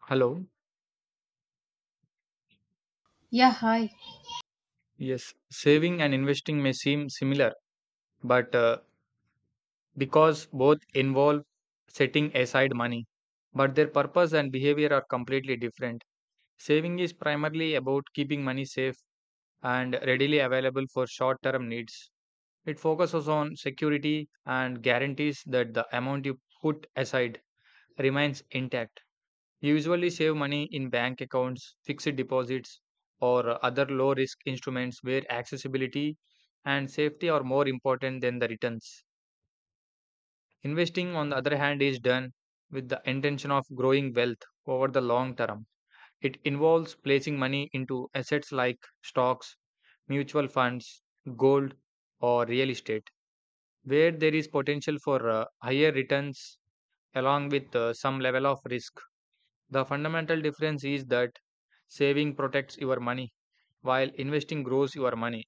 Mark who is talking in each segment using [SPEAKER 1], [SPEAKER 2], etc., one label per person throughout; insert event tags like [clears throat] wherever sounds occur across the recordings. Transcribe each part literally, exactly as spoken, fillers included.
[SPEAKER 1] Hello.
[SPEAKER 2] Yeah, hi.
[SPEAKER 1] Yes, saving and investing may seem similar, but uh, because both involve setting aside money, but their purpose and behavior are completely different. Saving is primarily about keeping money safe and readily available for short term needs. It focuses on security and guarantees that the amount you put aside remains intact. You Usually save money in bank accounts, fixed deposits, or other low risk instruments where accessibility and safety are more important than the returns. Investing, on the other hand, is done with the intention of growing wealth over the long term. It involves placing money into assets like stocks, mutual funds, gold, or real estate, where there is potential for uh, higher returns along with uh, some level of risk. The fundamental difference is that saving protects your money while investing grows your money.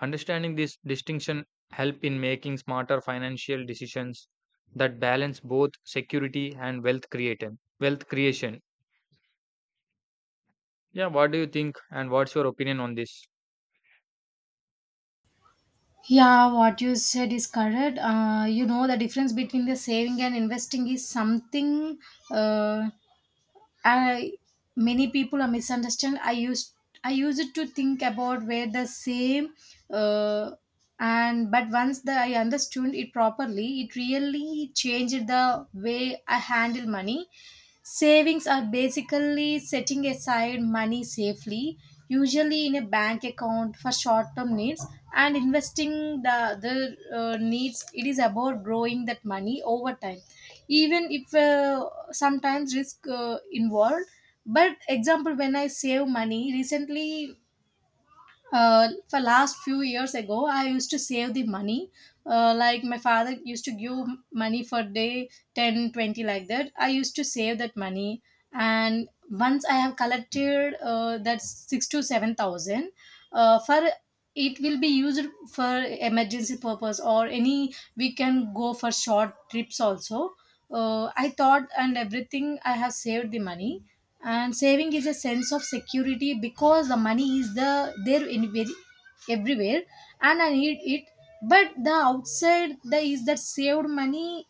[SPEAKER 1] Understanding this distinction help in making smarter financial decisions that balance both security and wealth creation. Wealth creation. Yeah, what do you think and what's your opinion on this?
[SPEAKER 2] Yeah, what you said is correct. Uh, you know, the difference between the saving and investing is something. Uh, I Many people are misunderstand. I used I use it to think about where the same uh, and but once the I understood it properly, it really changed the way I handle money. Savings are basically setting aside money safely, usually in a bank account for short term needs, and investing the other uh, needs. It is about growing that money over time even if uh, sometimes risk uh, involved but example when I save money recently uh, for last few years ago I used to save the money uh, like my father used to give money for day ten twenty like that I used to save that money and once I have collected uh, that six to seven thousand uh, for it will be used for emergency purpose or any we can go for short trips also uh, I thought and everything I have saved the money and saving is a sense of security because the money is the there in very everywhere and I need it but the outside the is that saved money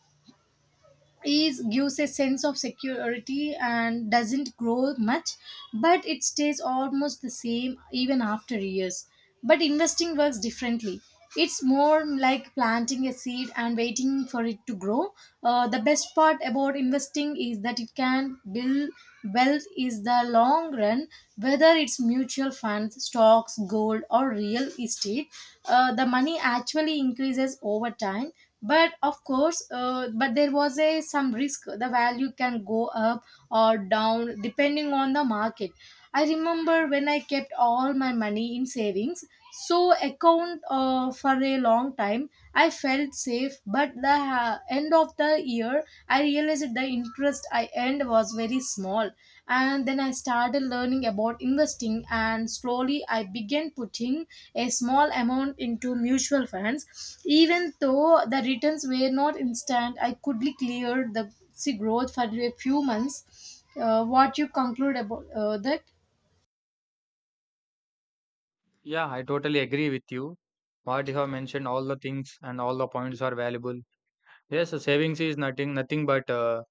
[SPEAKER 2] is gives a sense of security and doesn't grow much but it stays almost the same even after years but investing works differently. It's more like planting a seed and waiting for it to grow. Uh, the best part about investing is that it can build wealth is the long run whether it's mutual funds stocks gold or real estate uh, the money actually increases over time but of course uh, but there was a some risk the value can go up or down depending on the market. I remember when I kept all my money in savings so account uh, for a long time I felt safe but the uh, end of the year I realized the interest interest I earned was very small. And then I started learning about investing, and slowly I began putting a small amount into mutual funds. Even though the returns were not instant, I quickly cleared the see, growth for a few months. Uh, what you conclude about uh, that?
[SPEAKER 1] Yeah, I totally agree with you. What you have mentioned, all the things and all the points are valuable. Yes, savings is nothing, nothing but uh,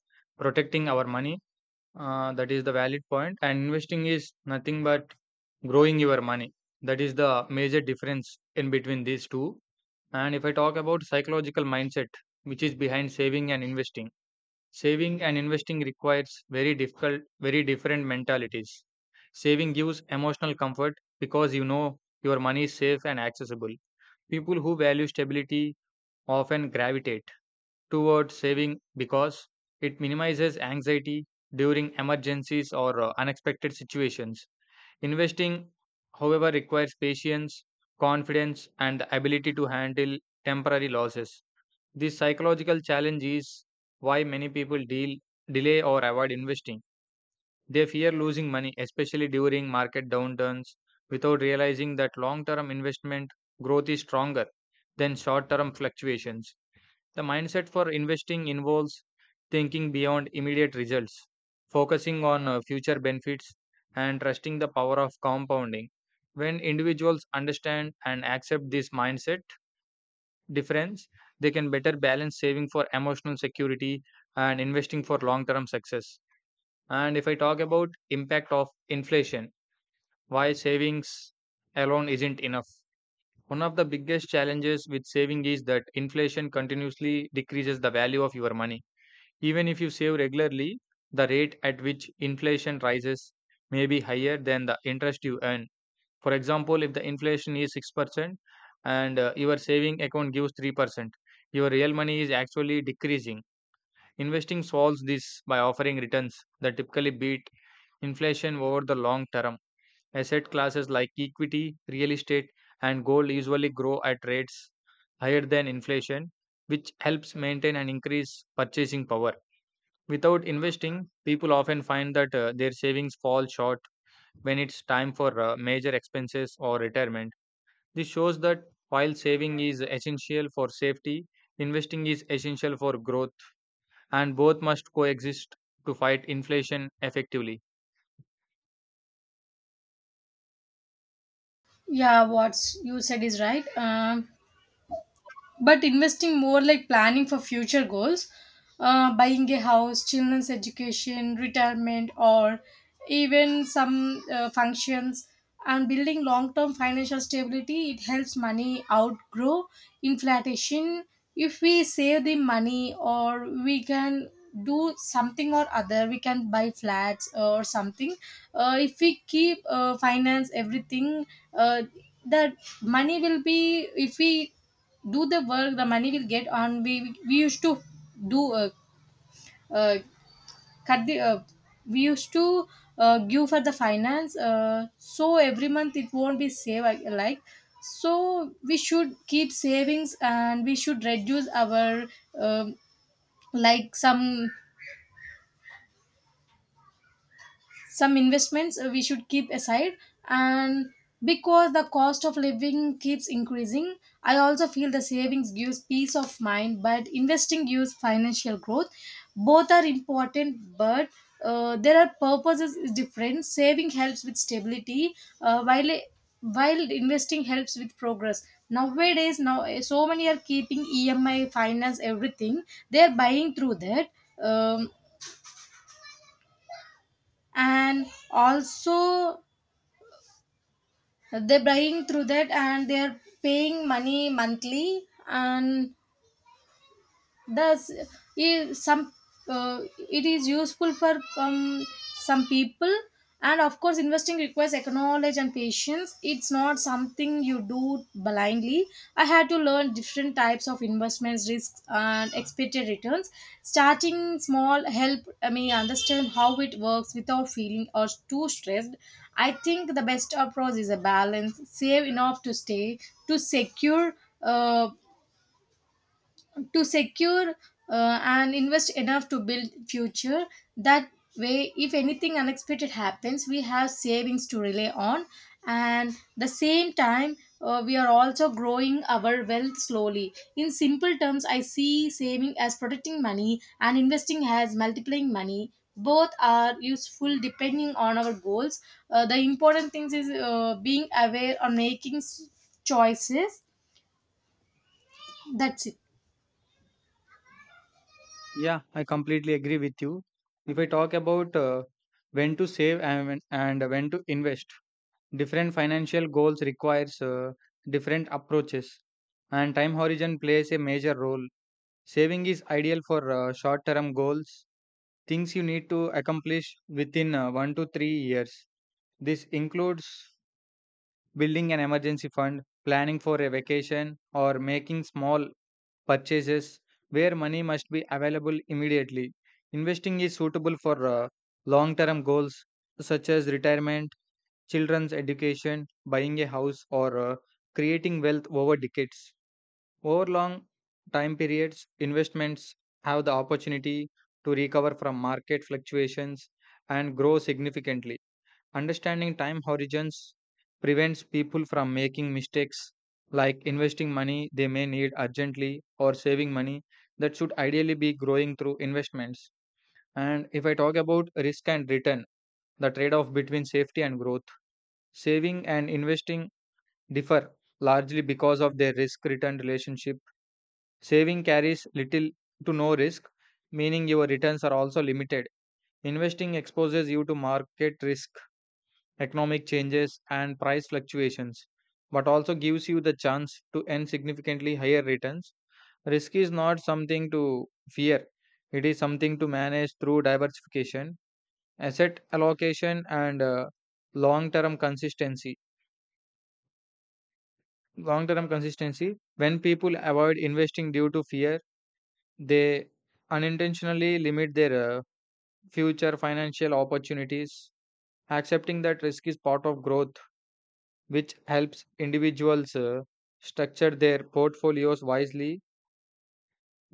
[SPEAKER 1] protecting our money. Uh, that is the valid point. And investing is nothing but growing your money. That is the major difference in between these two. And if I talk about psychological mindset, which is behind saving and investing, saving and investing requires very difficult, very different mentalities. Saving gives emotional comfort because you know your money is safe and accessible. People who value stability often gravitate toward saving because it minimizes anxiety during emergencies or uh, unexpected situations. Investing, however, requires patience, confidence, and the ability to handle temporary losses. This psychological challenge is why many people deal, delay or avoid investing. They fear losing money, especially during market downturns, without realizing that long term investment growth is stronger than short term fluctuations. The mindset for investing involves thinking beyond immediate results, focusing on uh, future benefits, and trusting the power of compounding. When individuals understand and accept this mindset difference, they can better balance saving for emotional security and investing for long term success. And if I talk about impact of inflation, why savings alone isn't enough. One of the biggest challenges with saving is that inflation continuously decreases the value of your money even if you save regularly, the rate at which inflation rises may be higher than the interest you earn. For example, if the inflation is six percent and uh, your saving account gives three percent, your real money is actually decreasing. Investing solves this by offering returns that typically beat inflation over the long term. Asset classes like equity, real estate, and gold usually grow at rates higher than inflation, which helps maintain and increase purchasing power. Without investing, people often find that uh, their savings fall short when it's time for uh, major expenses or retirement. This shows that while saving is essential for safety, investing is essential for growth, and both must coexist to fight inflation effectively.
[SPEAKER 2] Yeah, what you said is right. Um, but investing more like planning for future goals uh, buying a house children's education retirement or even some uh, functions and building long-term financial stability it helps money outgrow inflation if we save the money or we can do something or other we can buy flats or something uh, if we keep uh, finance everything uh, that money will be if we do the work the money will get on we we used to do uh, uh, cut the uh, we used to uh, give for the finance uh, so every month it won't be save uh, like so we should keep savings and we should reduce our um like some some investments uh, we should keep aside and because the cost of living keeps increasing I also feel the savings gives peace of mind but investing gives financial growth. Both are important but uh, there are purposes is different saving helps with stability uh, while while investing helps with progress nowadays now uh, so many are keeping emi finance everything they are buying through that um, and also they're buying through that and they're paying money monthly and thus i- some uh, it is useful for um, some people and of course investing requires knowledge and patience it's not something you do blindly. I had to learn different types of investments risks and expected returns. Starting small helped me understand how it works without feeling or too stressed. I think the best approach is a balance save enough to stay to secure uh, to secure uh, and invest enough to build future that way if anything unexpected happens we have savings to rely on and the same time uh, we are also growing our wealth slowly in simple terms I see saving as protecting money and investing as multiplying money both are useful depending on our goals uh, the important things is uh, being aware or making s- choices. That's it.
[SPEAKER 1] Yeah, I completely agree with you. If I talk about uh, when to save and when, and when to invest, different financial goals requires uh, different approaches, and time horizon plays a major role. Saving is ideal for uh, short term goals, things you need to accomplish within uh, one to three years. This includes building an emergency fund, planning for a vacation, or making small purchases where money must be available immediately. Investing is suitable for uh, long term goals such as retirement, children's education, buying a house, or uh, creating wealth over decades. Over long time periods, investments have the opportunity to recover from market fluctuations and grow significantly. Understanding time horizons prevents people from making mistakes like investing money they may need urgently or saving money that should ideally be growing through investments. And if I talk about risk and return, the trade off between safety and growth, saving and investing differ largely because of their risk return relationship. Saving carries little to no risk, meaning your returns are also limited. Investing exposes you to market risk, economic changes, and price fluctuations, but also gives you the chance to earn significantly higher returns. Risk is not something to fear, it is something to manage through diversification, asset allocation, and uh, long term consistency. Long term consistency when people avoid investing due to fear, they unintentionally limit their uh, future financial opportunities. Accepting that risk is part of growth, which helps individuals uh, structure their portfolios wisely,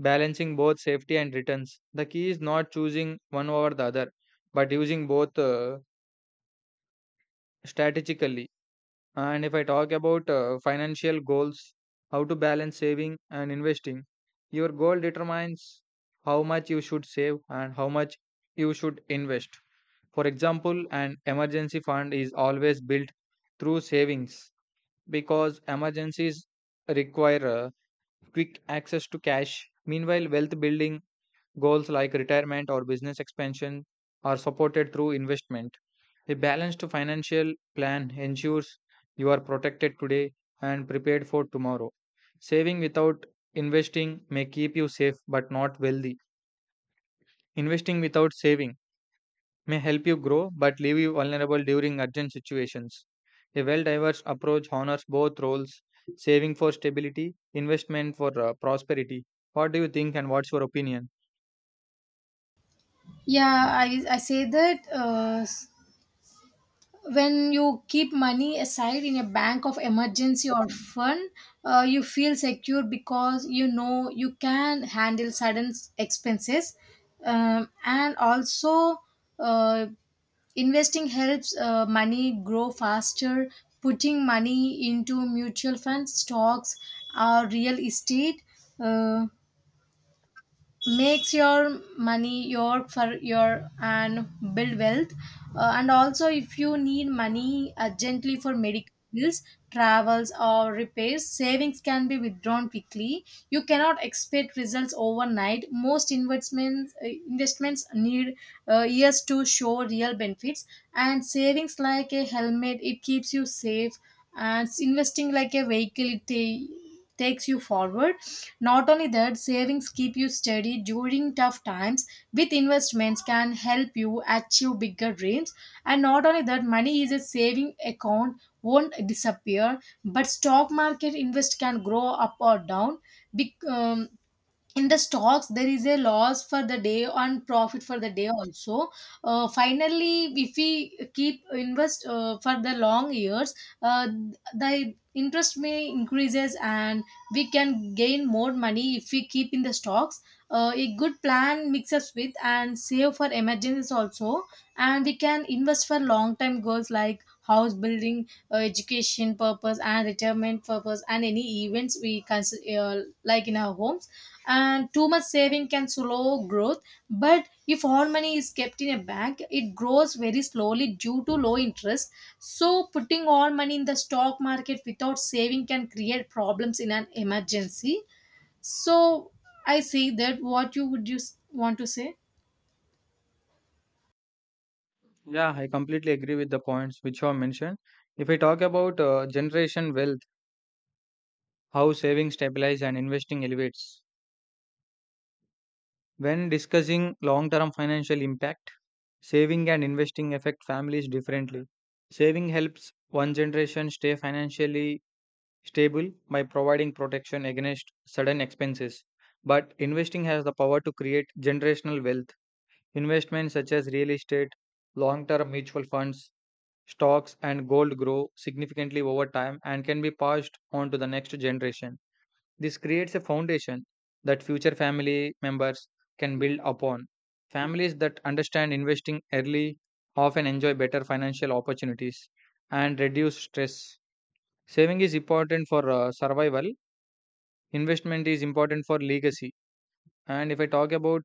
[SPEAKER 1] balancing both safety and returns. The key is not choosing one over the other, but using both uh, strategically. And if I talk about uh, financial goals, how to balance saving and investing, your goal determines how much you should save and how much you should invest. For example, an emergency fund is always built through savings because emergencies require uh, quick access to cash. Meanwhile, wealth building goals like retirement or business expansion are supported through investment. A balanced financial plan ensures you are protected today and prepared for tomorrow. Saving without investing may keep you safe but not wealthy. Investing without saving may help you grow but leave you vulnerable during urgent situations. A well diverse approach honors both roles saving for stability, investment for uh, prosperity. What do you think and what's your opinion?
[SPEAKER 2] Yeah, I, I say that uh, s- when you keep money aside in a bank of emergency or fund, uh, you feel secure because you know you can handle sudden s- expenses. Um, and also, uh, investing helps uh, money grow faster. Putting money into mutual funds, stocks, or real estate. Uh, Makes your money your for your and build wealth. Uh, and also if you need money urgently for medical bills travels or repairs savings can be withdrawn quickly you cannot expect results overnight most investments uh, investments need uh, years to show real benefits and savings like a helmet it keeps you safe and investing like a vehicle it ta- takes you forward not only that savings keep you steady during tough times with investments can help you achieve bigger dreams and not only that money is a saving account won't disappear but stock market invest can grow up or down. Bec- um, in the stocks there is a loss for the day and profit for the day also uh, finally if we keep invest uh, for the long years uh, the interest may increases and we can gain more money if we keep in the stocks. Uh, a good plan mixes with and save for emergencies also and we can invest for long time goals like house building uh, education purpose and retirement purpose and any events we consider uh, like in our homes and too much saving can slow growth but if all money is kept in a bank it grows very slowly due to low interest so putting all money in the stock market without saving can create problems in an emergency so I say that what you would you s- want to say.
[SPEAKER 1] Yeah, I completely agree with the points which you have mentioned. If I talk about uh, generation wealth, how saving stabilize and investing elevates. When discussing long term financial impact, saving and investing affect families differently. Saving helps one generation stay financially stable by providing protection against sudden expenses. But investing has the power to create generational wealth. Investments such as real estate, long term mutual funds, stocks, and gold grow significantly over time and can be passed on to the next generation. This creates a foundation that future family members can build upon. Families that understand investing early often enjoy better financial opportunities and reduce stress. Saving is important for uh, survival, investment is important for legacy. And if I talk about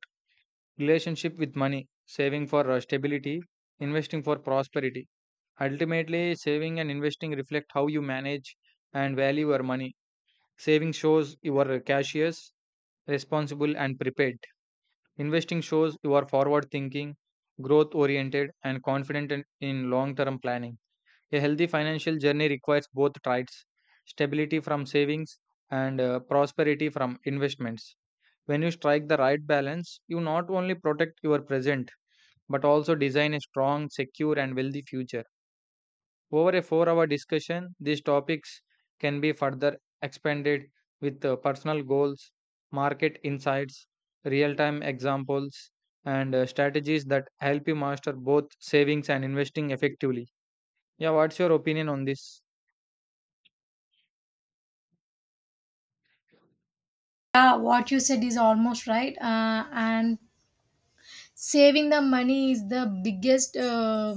[SPEAKER 1] relationship with money, saving for uh, stability, investing for prosperity. Ultimately, saving and investing reflect how you manage and value your money. Saving shows you are cautious, responsible, and prepared. Investing shows you are forward thinking, growth oriented, and confident in, in long term planning. A healthy financial journey requires both traits stability from savings and uh, prosperity from investments. When you strike the right balance, you not only protect your present but also design a strong, secure, and wealthy future. Over a four hour discussion, these topics can be further expanded with uh, personal goals, market insights, real time examples, and uh, strategies that help you master both savings and investing effectively. Yeah, what's your opinion on this?
[SPEAKER 2] Yeah, what you said is almost right. Uh, and saving the money is the biggest uh,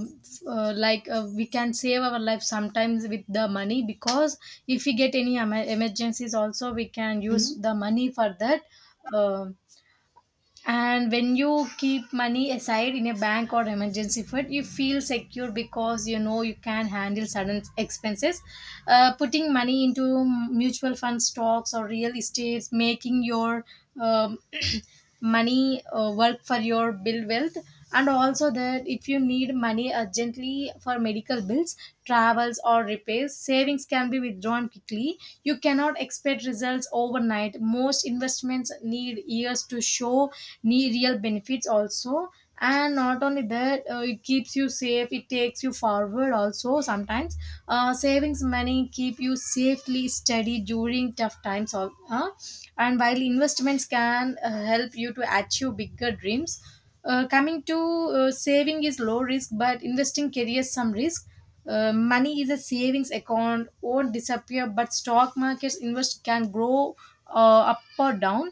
[SPEAKER 2] uh, like uh, we can save our life sometimes with the money because if we get any em- emergencies also we can use. Mhm. The money for that. uh, and when you keep money aside in a bank or emergency fund you feel secure because you know you can handle sudden expenses. Uh, putting money into mutual fund stocks or real estates making your um, [clears throat] money uh, work for your build wealth. And also that if you need money urgently for medical bills travels or repairs savings can be withdrawn quickly you cannot expect results overnight most investments need years to show need real benefits also. And not only that uh, it keeps you safe it takes you forward also sometimes uh, savings money keep you safely steady during tough times. All huh? And while investments can uh, help you to achieve bigger dreams. Uh, coming to uh, saving is low risk but investing carries some risk. Uh, money is a savings account won't disappear but stock markets invest can grow uh, up or down.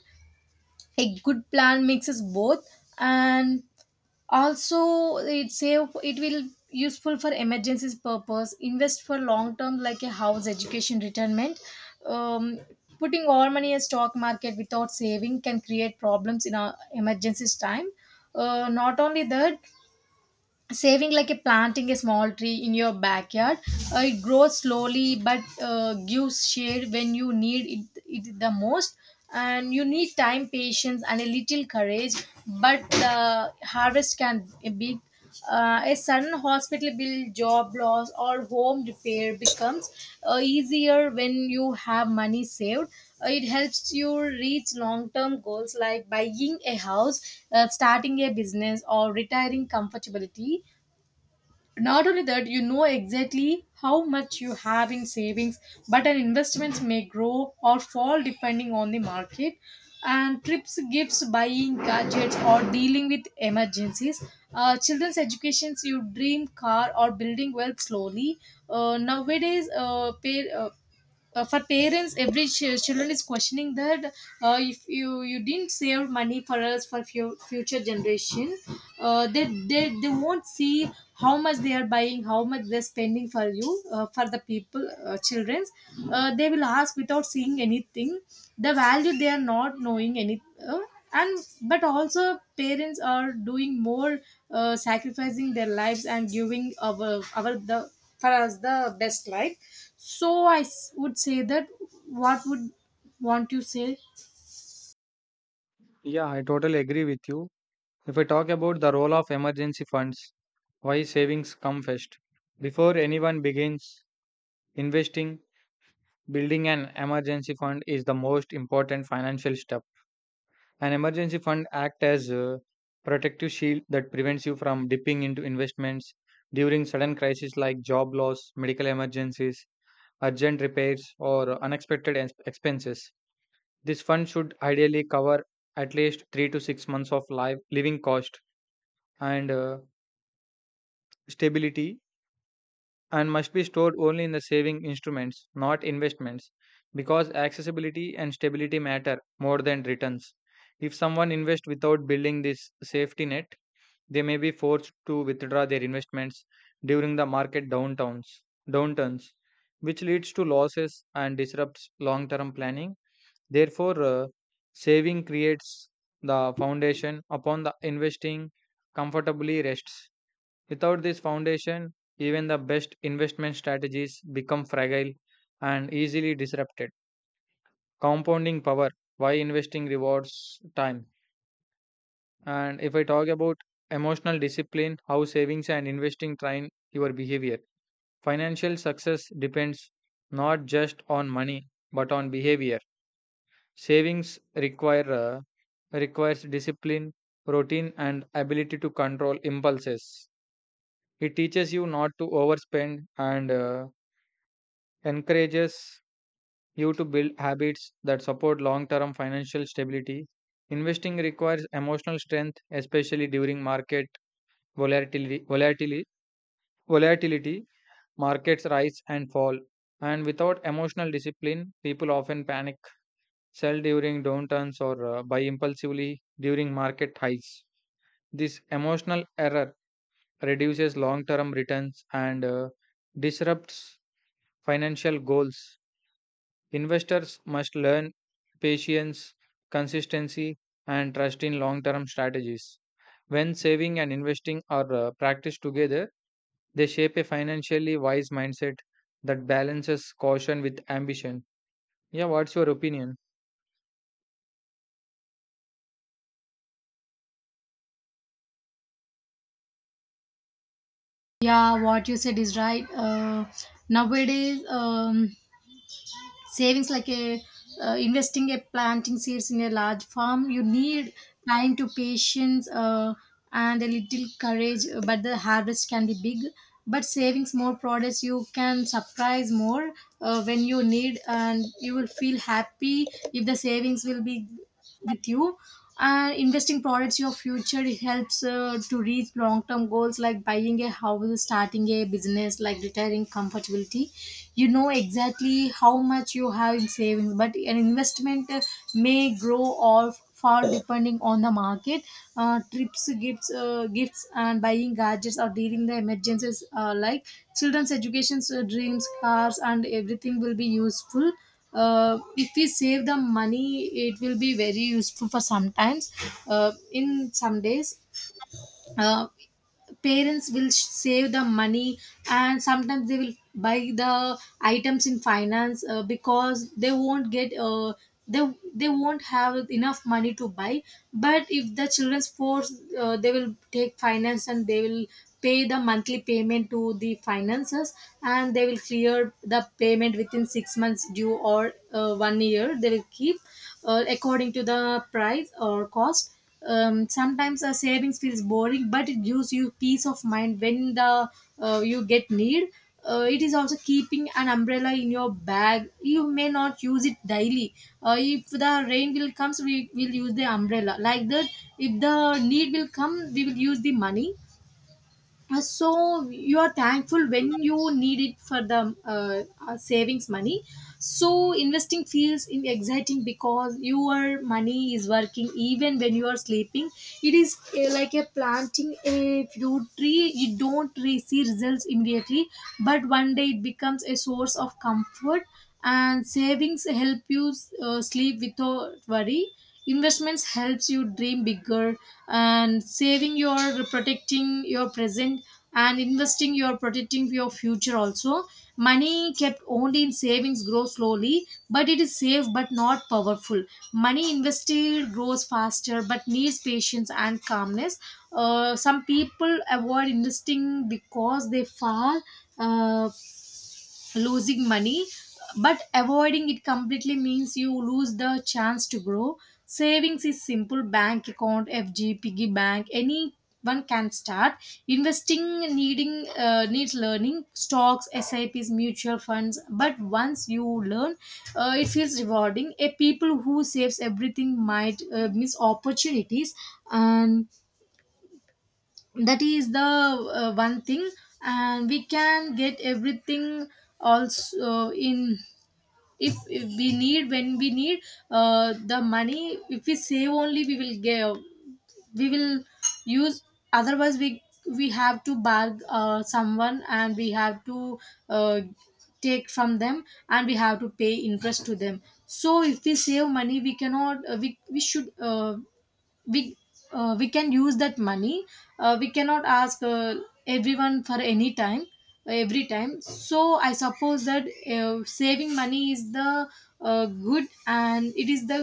[SPEAKER 2] A good plan mixes both and also it save it will useful for emergencies purpose invest for long term like a house education retirement. um, Putting all money in stock market without saving can create problems in our emergencies time. Uh, not only that saving like a planting a small tree in your backyard uh, it grows slowly but uh, gives shade when you need it, it the most. And you need time patience and a little courage but the harvest can be big. Uh, a sudden hospital bill job loss or home repair becomes uh, easier when you have money saved. Uh, it helps you reach long-term goals like buying a house uh, starting a business or retiring comfortably. Not only that you know exactly how much you have in savings but an investments may grow or fall depending on the market and trips gifts buying gadgets or dealing with emergencies uh, children's educations you dream car or building wealth slowly. Uh, nowadays uh, pay, uh, uh, for parents every ch- children is questioning that. Uh, if you you didn't save money for us for fu- future generation. Uh, they, they they won't see how much they are buying how much they're spending for you uh, for the people uh, children's. Uh, they will ask without seeing anything the value they are not knowing any. uh, and but also parents are doing more uh, sacrificing their lives and giving our our the for us the best life. So I s- would say that what would want you say?
[SPEAKER 1] Yeah, I totally agree with you. If I talk about the role of emergency funds, why savings come first. Before anyone begins investing, building an emergency fund is the most important financial step. An emergency fund acts as a protective shield that prevents you from dipping into investments during sudden crises like job loss, medical emergencies, urgent repairs, or unexpected ex- expenses. This fund should ideally cover at least three to six months of live living cost and uh, stability and must be stored only in the saving instruments, not investments, because accessibility and stability matter more than returns. If someone invests without building this safety net, they may be forced to withdraw their investments during the market downtowns, downturns, which leads to losses and disrupts long term planning. Therefore, uh, saving creates the foundation upon the investing comfortably rests. Without this foundation, even the best investment strategies become fragile and easily disrupted. Compounding power why investing rewards time. And if I talk about emotional discipline, how savings and investing train your behavior. Financial success depends not just on money but on behavior. Savings require uh, requires discipline, routine, and ability to control impulses. It teaches you not to overspend and uh, encourages you to build habits that support long-term financial stability. Investing requires emotional strength, especially during market Volatility, volatility, volatility, markets rise and fall. And without emotional discipline, people often panic, sell during downturns, or uh, buy impulsively during market highs. This emotional error reduces long term returns and uh, disrupts financial goals. Investors must learn patience, consistency, and trust in long term strategies. When saving and investing are uh, practiced together, they shape a financially wise mindset that balances caution with ambition. Yeah, what's your opinion?
[SPEAKER 2] Yeah, what you said is right. Uh, nowadays, um, savings like a uh, investing a planting seeds in a large farm, you need time to patience uh, and a little courage, uh, but the harvest can be big. But savings more products you can surprise more uh, when you need, and you will feel happy if the savings will be with you. And investing products your future, it helps uh, to reach long-term goals like buying a house, starting a business, like retiring comfortability. You know exactly how much you have in savings, but an investment uh, may grow or fall depending on the market. Uh, trips, gifts, uh, gifts and buying gadgets or dealing the emergencies, uh, like children's educations, uh, dreams, cars and everything will be useful. Uh, if we save the money, it will be very useful for sometimes, uh, in some days. uh, Parents will sh- save the money, and sometimes they will buy the items in finance, uh, because they won't get. uh, they they won't have enough money to buy. But if the children's force, uh, they will take finance and they will pay the monthly payment to the finances, and they will clear the payment within six months due, or uh, one year they will keep, uh, according to the price or cost. Um, sometimes a savings feels boring, but it gives you peace of mind when the, uh, you get need. Uh, it is also keeping an umbrella in your bag, you may not use it daily. Uh, if the rain will comes, we will use the umbrella. Like that, if the need will come, we will use the money. Uh, so you are thankful when you need it for the, uh, uh, savings money. So investing feels in exciting because your money is working even when you are sleeping. It is, uh, like a planting a fruit tree, you don't re- see results immediately, but one day it becomes a source of comfort. And savings help you, uh, sleep without worry. Investments helps you dream bigger. And saving your protecting your present, and investing your protecting your future also. Money kept only in savings grows slowly, but it is safe but not powerful. Money invested grows faster but needs patience and calmness. Uh, some people avoid investing because they fall, uh, losing money. But avoiding it completely means you lose the chance to grow. Savings is simple bank account, fg piggy bank. Anyone can start investing, needing uh, needs learning stocks, sips, mutual funds. But once you learn, uh, it feels rewarding. A people who saves everything might, uh, miss opportunities. And that is the, uh, one thing. And we can get everything also in, if, if we need. When we need, uh, the money, if we save only, we will get, we will use. Otherwise, we we have to barg uh, someone, and we have to, uh, take from them, and we have to pay interest to them. So if we save money, we cannot, uh, we, we should, uh, we, uh, we can use that money. Uh, we cannot ask, uh, everyone for any time, every time. So I suppose that, uh, saving money is the, uh, good, and it is the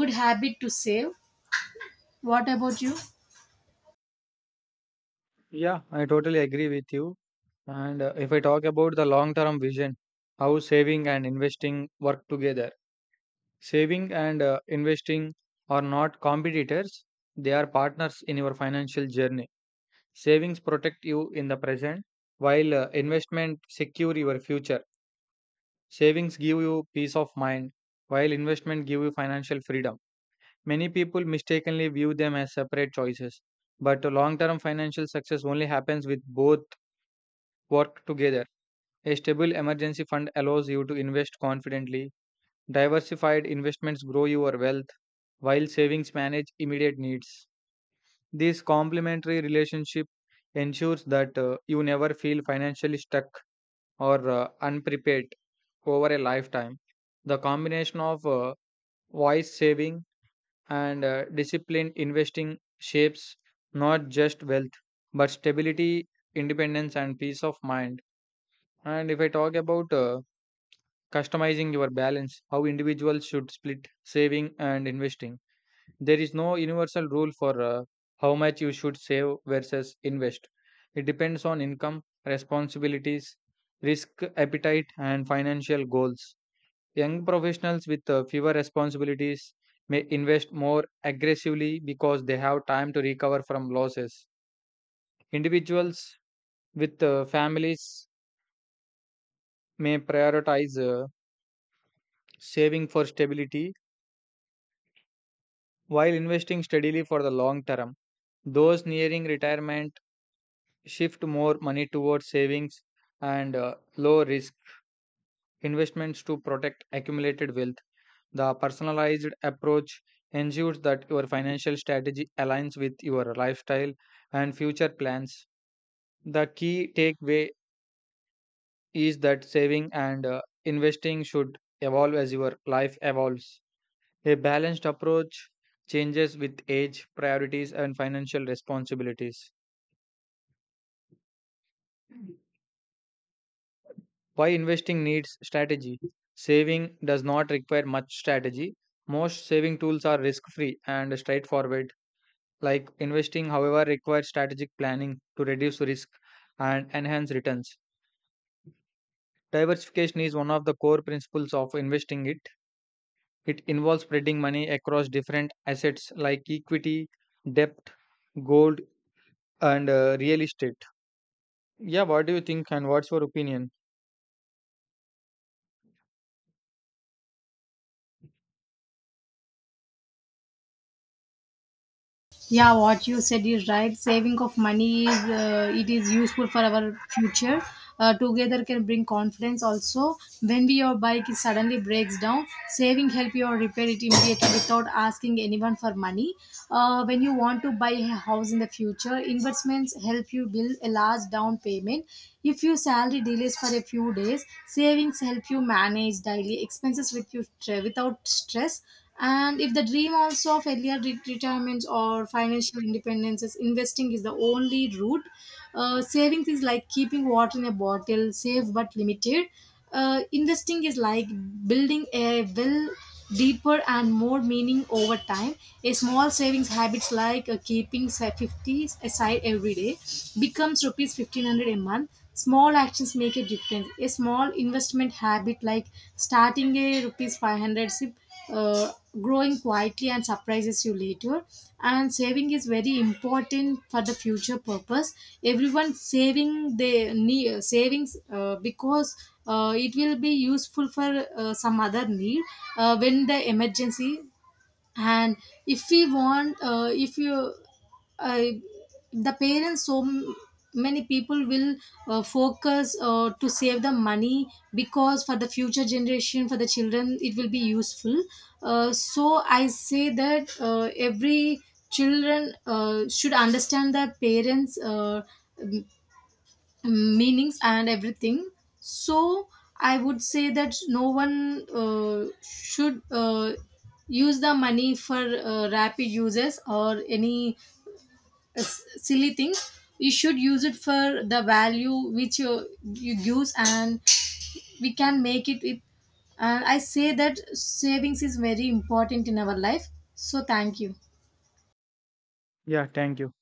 [SPEAKER 2] good habit to save. What about you?
[SPEAKER 1] Yeah, I totally agree with you. And uh, if I talk about the long term vision, how saving and investing work together. Saving and uh, investing are not competitors, they are partners in your financial journey. Savings protect you in the present, while uh, investment secure your future. Savings give you peace of mind, while investment give you financial freedom. Many people mistakenly view them as separate choices, but long term financial success only happens with both work together. A stable emergency fund allows you to invest confidently. Diversified investments grow your wealth, while savings manage immediate needs. This complementary relationship ensures that uh, you never feel financially stuck or uh, unprepared over a lifetime. The combination of uh, wise saving and uh, disciplined investing shapes not just wealth but stability, independence, and peace of mind. And if I talk about uh, customizing your balance, how individuals should split saving and investing, there is no universal rule for uh, how much you should save versus invest. It depends on income, responsibilities, risk appetite, and financial goals. Young professionals with uh, fewer responsibilities may invest more aggressively because they have time to recover from losses. Individuals with uh, families may prioritize uh, saving for stability while investing steadily for the long term. Those nearing retirement shift more money towards savings and uh, low risk investments to protect accumulated wealth. The personalized approach ensures that your financial strategy aligns with your lifestyle and future plans. The key takeaway is that saving and uh, investing should evolve as your life evolves. A balanced approach changes with age, priorities, and financial responsibilities. Why investing needs strategy? Saving does not require much strategy. Most saving tools are risk free and straightforward. Like investing, however, requires strategic planning to reduce risk and enhance returns. Diversification is one of the core principles of investing it. It involves spreading money across different assets like equity, debt, gold, and uh, real estate. Yeah, what do you think and what's your opinion?
[SPEAKER 2] Yeah, what you said is right. Saving of money is, uh, it is useful for our future. Uh, together can bring confidence also. When your bike is suddenly breaks down, saving help you or repair it immediately without asking anyone for money. Uh, when you want to buy a house in the future, investments help you build a large down payment. If your salary delays for a few days, savings help you manage daily expenses with you without stress. And if the dream also of earlier re- retirements or financial independence is, investing is the only route. Uh, savings is like keeping water in a bottle, safe but limited. Uh, investing is like building a well, deeper and more meaning over time. A small savings habits like, uh, keeping say, fifty aside every day becomes rupees fifteen hundred a month. Small actions make a difference. A small investment habit like starting a rupees five hundred sip, uh, growing quietly and surprises you later. And saving is very important for the future purpose. Everyone saving, they need savings, uh, because, uh, it will be useful for, uh, some other need, uh, when the emergency. And if we want, uh, if you uh, the parents, so m- many people will, uh, focus, uh, to save the money, because for the future generation, for the children it will be useful. Uh, so I say that, uh, every children, uh, should understand the parents, uh, meanings and everything. So I would say that no one, uh, should, uh, use the money for, uh, rapid uses or any, uh, s- silly things. You should use it for the value which you, you use, and we can make it with. And I say that savings is very important in our life. So thank you.
[SPEAKER 1] Yeah, thank you.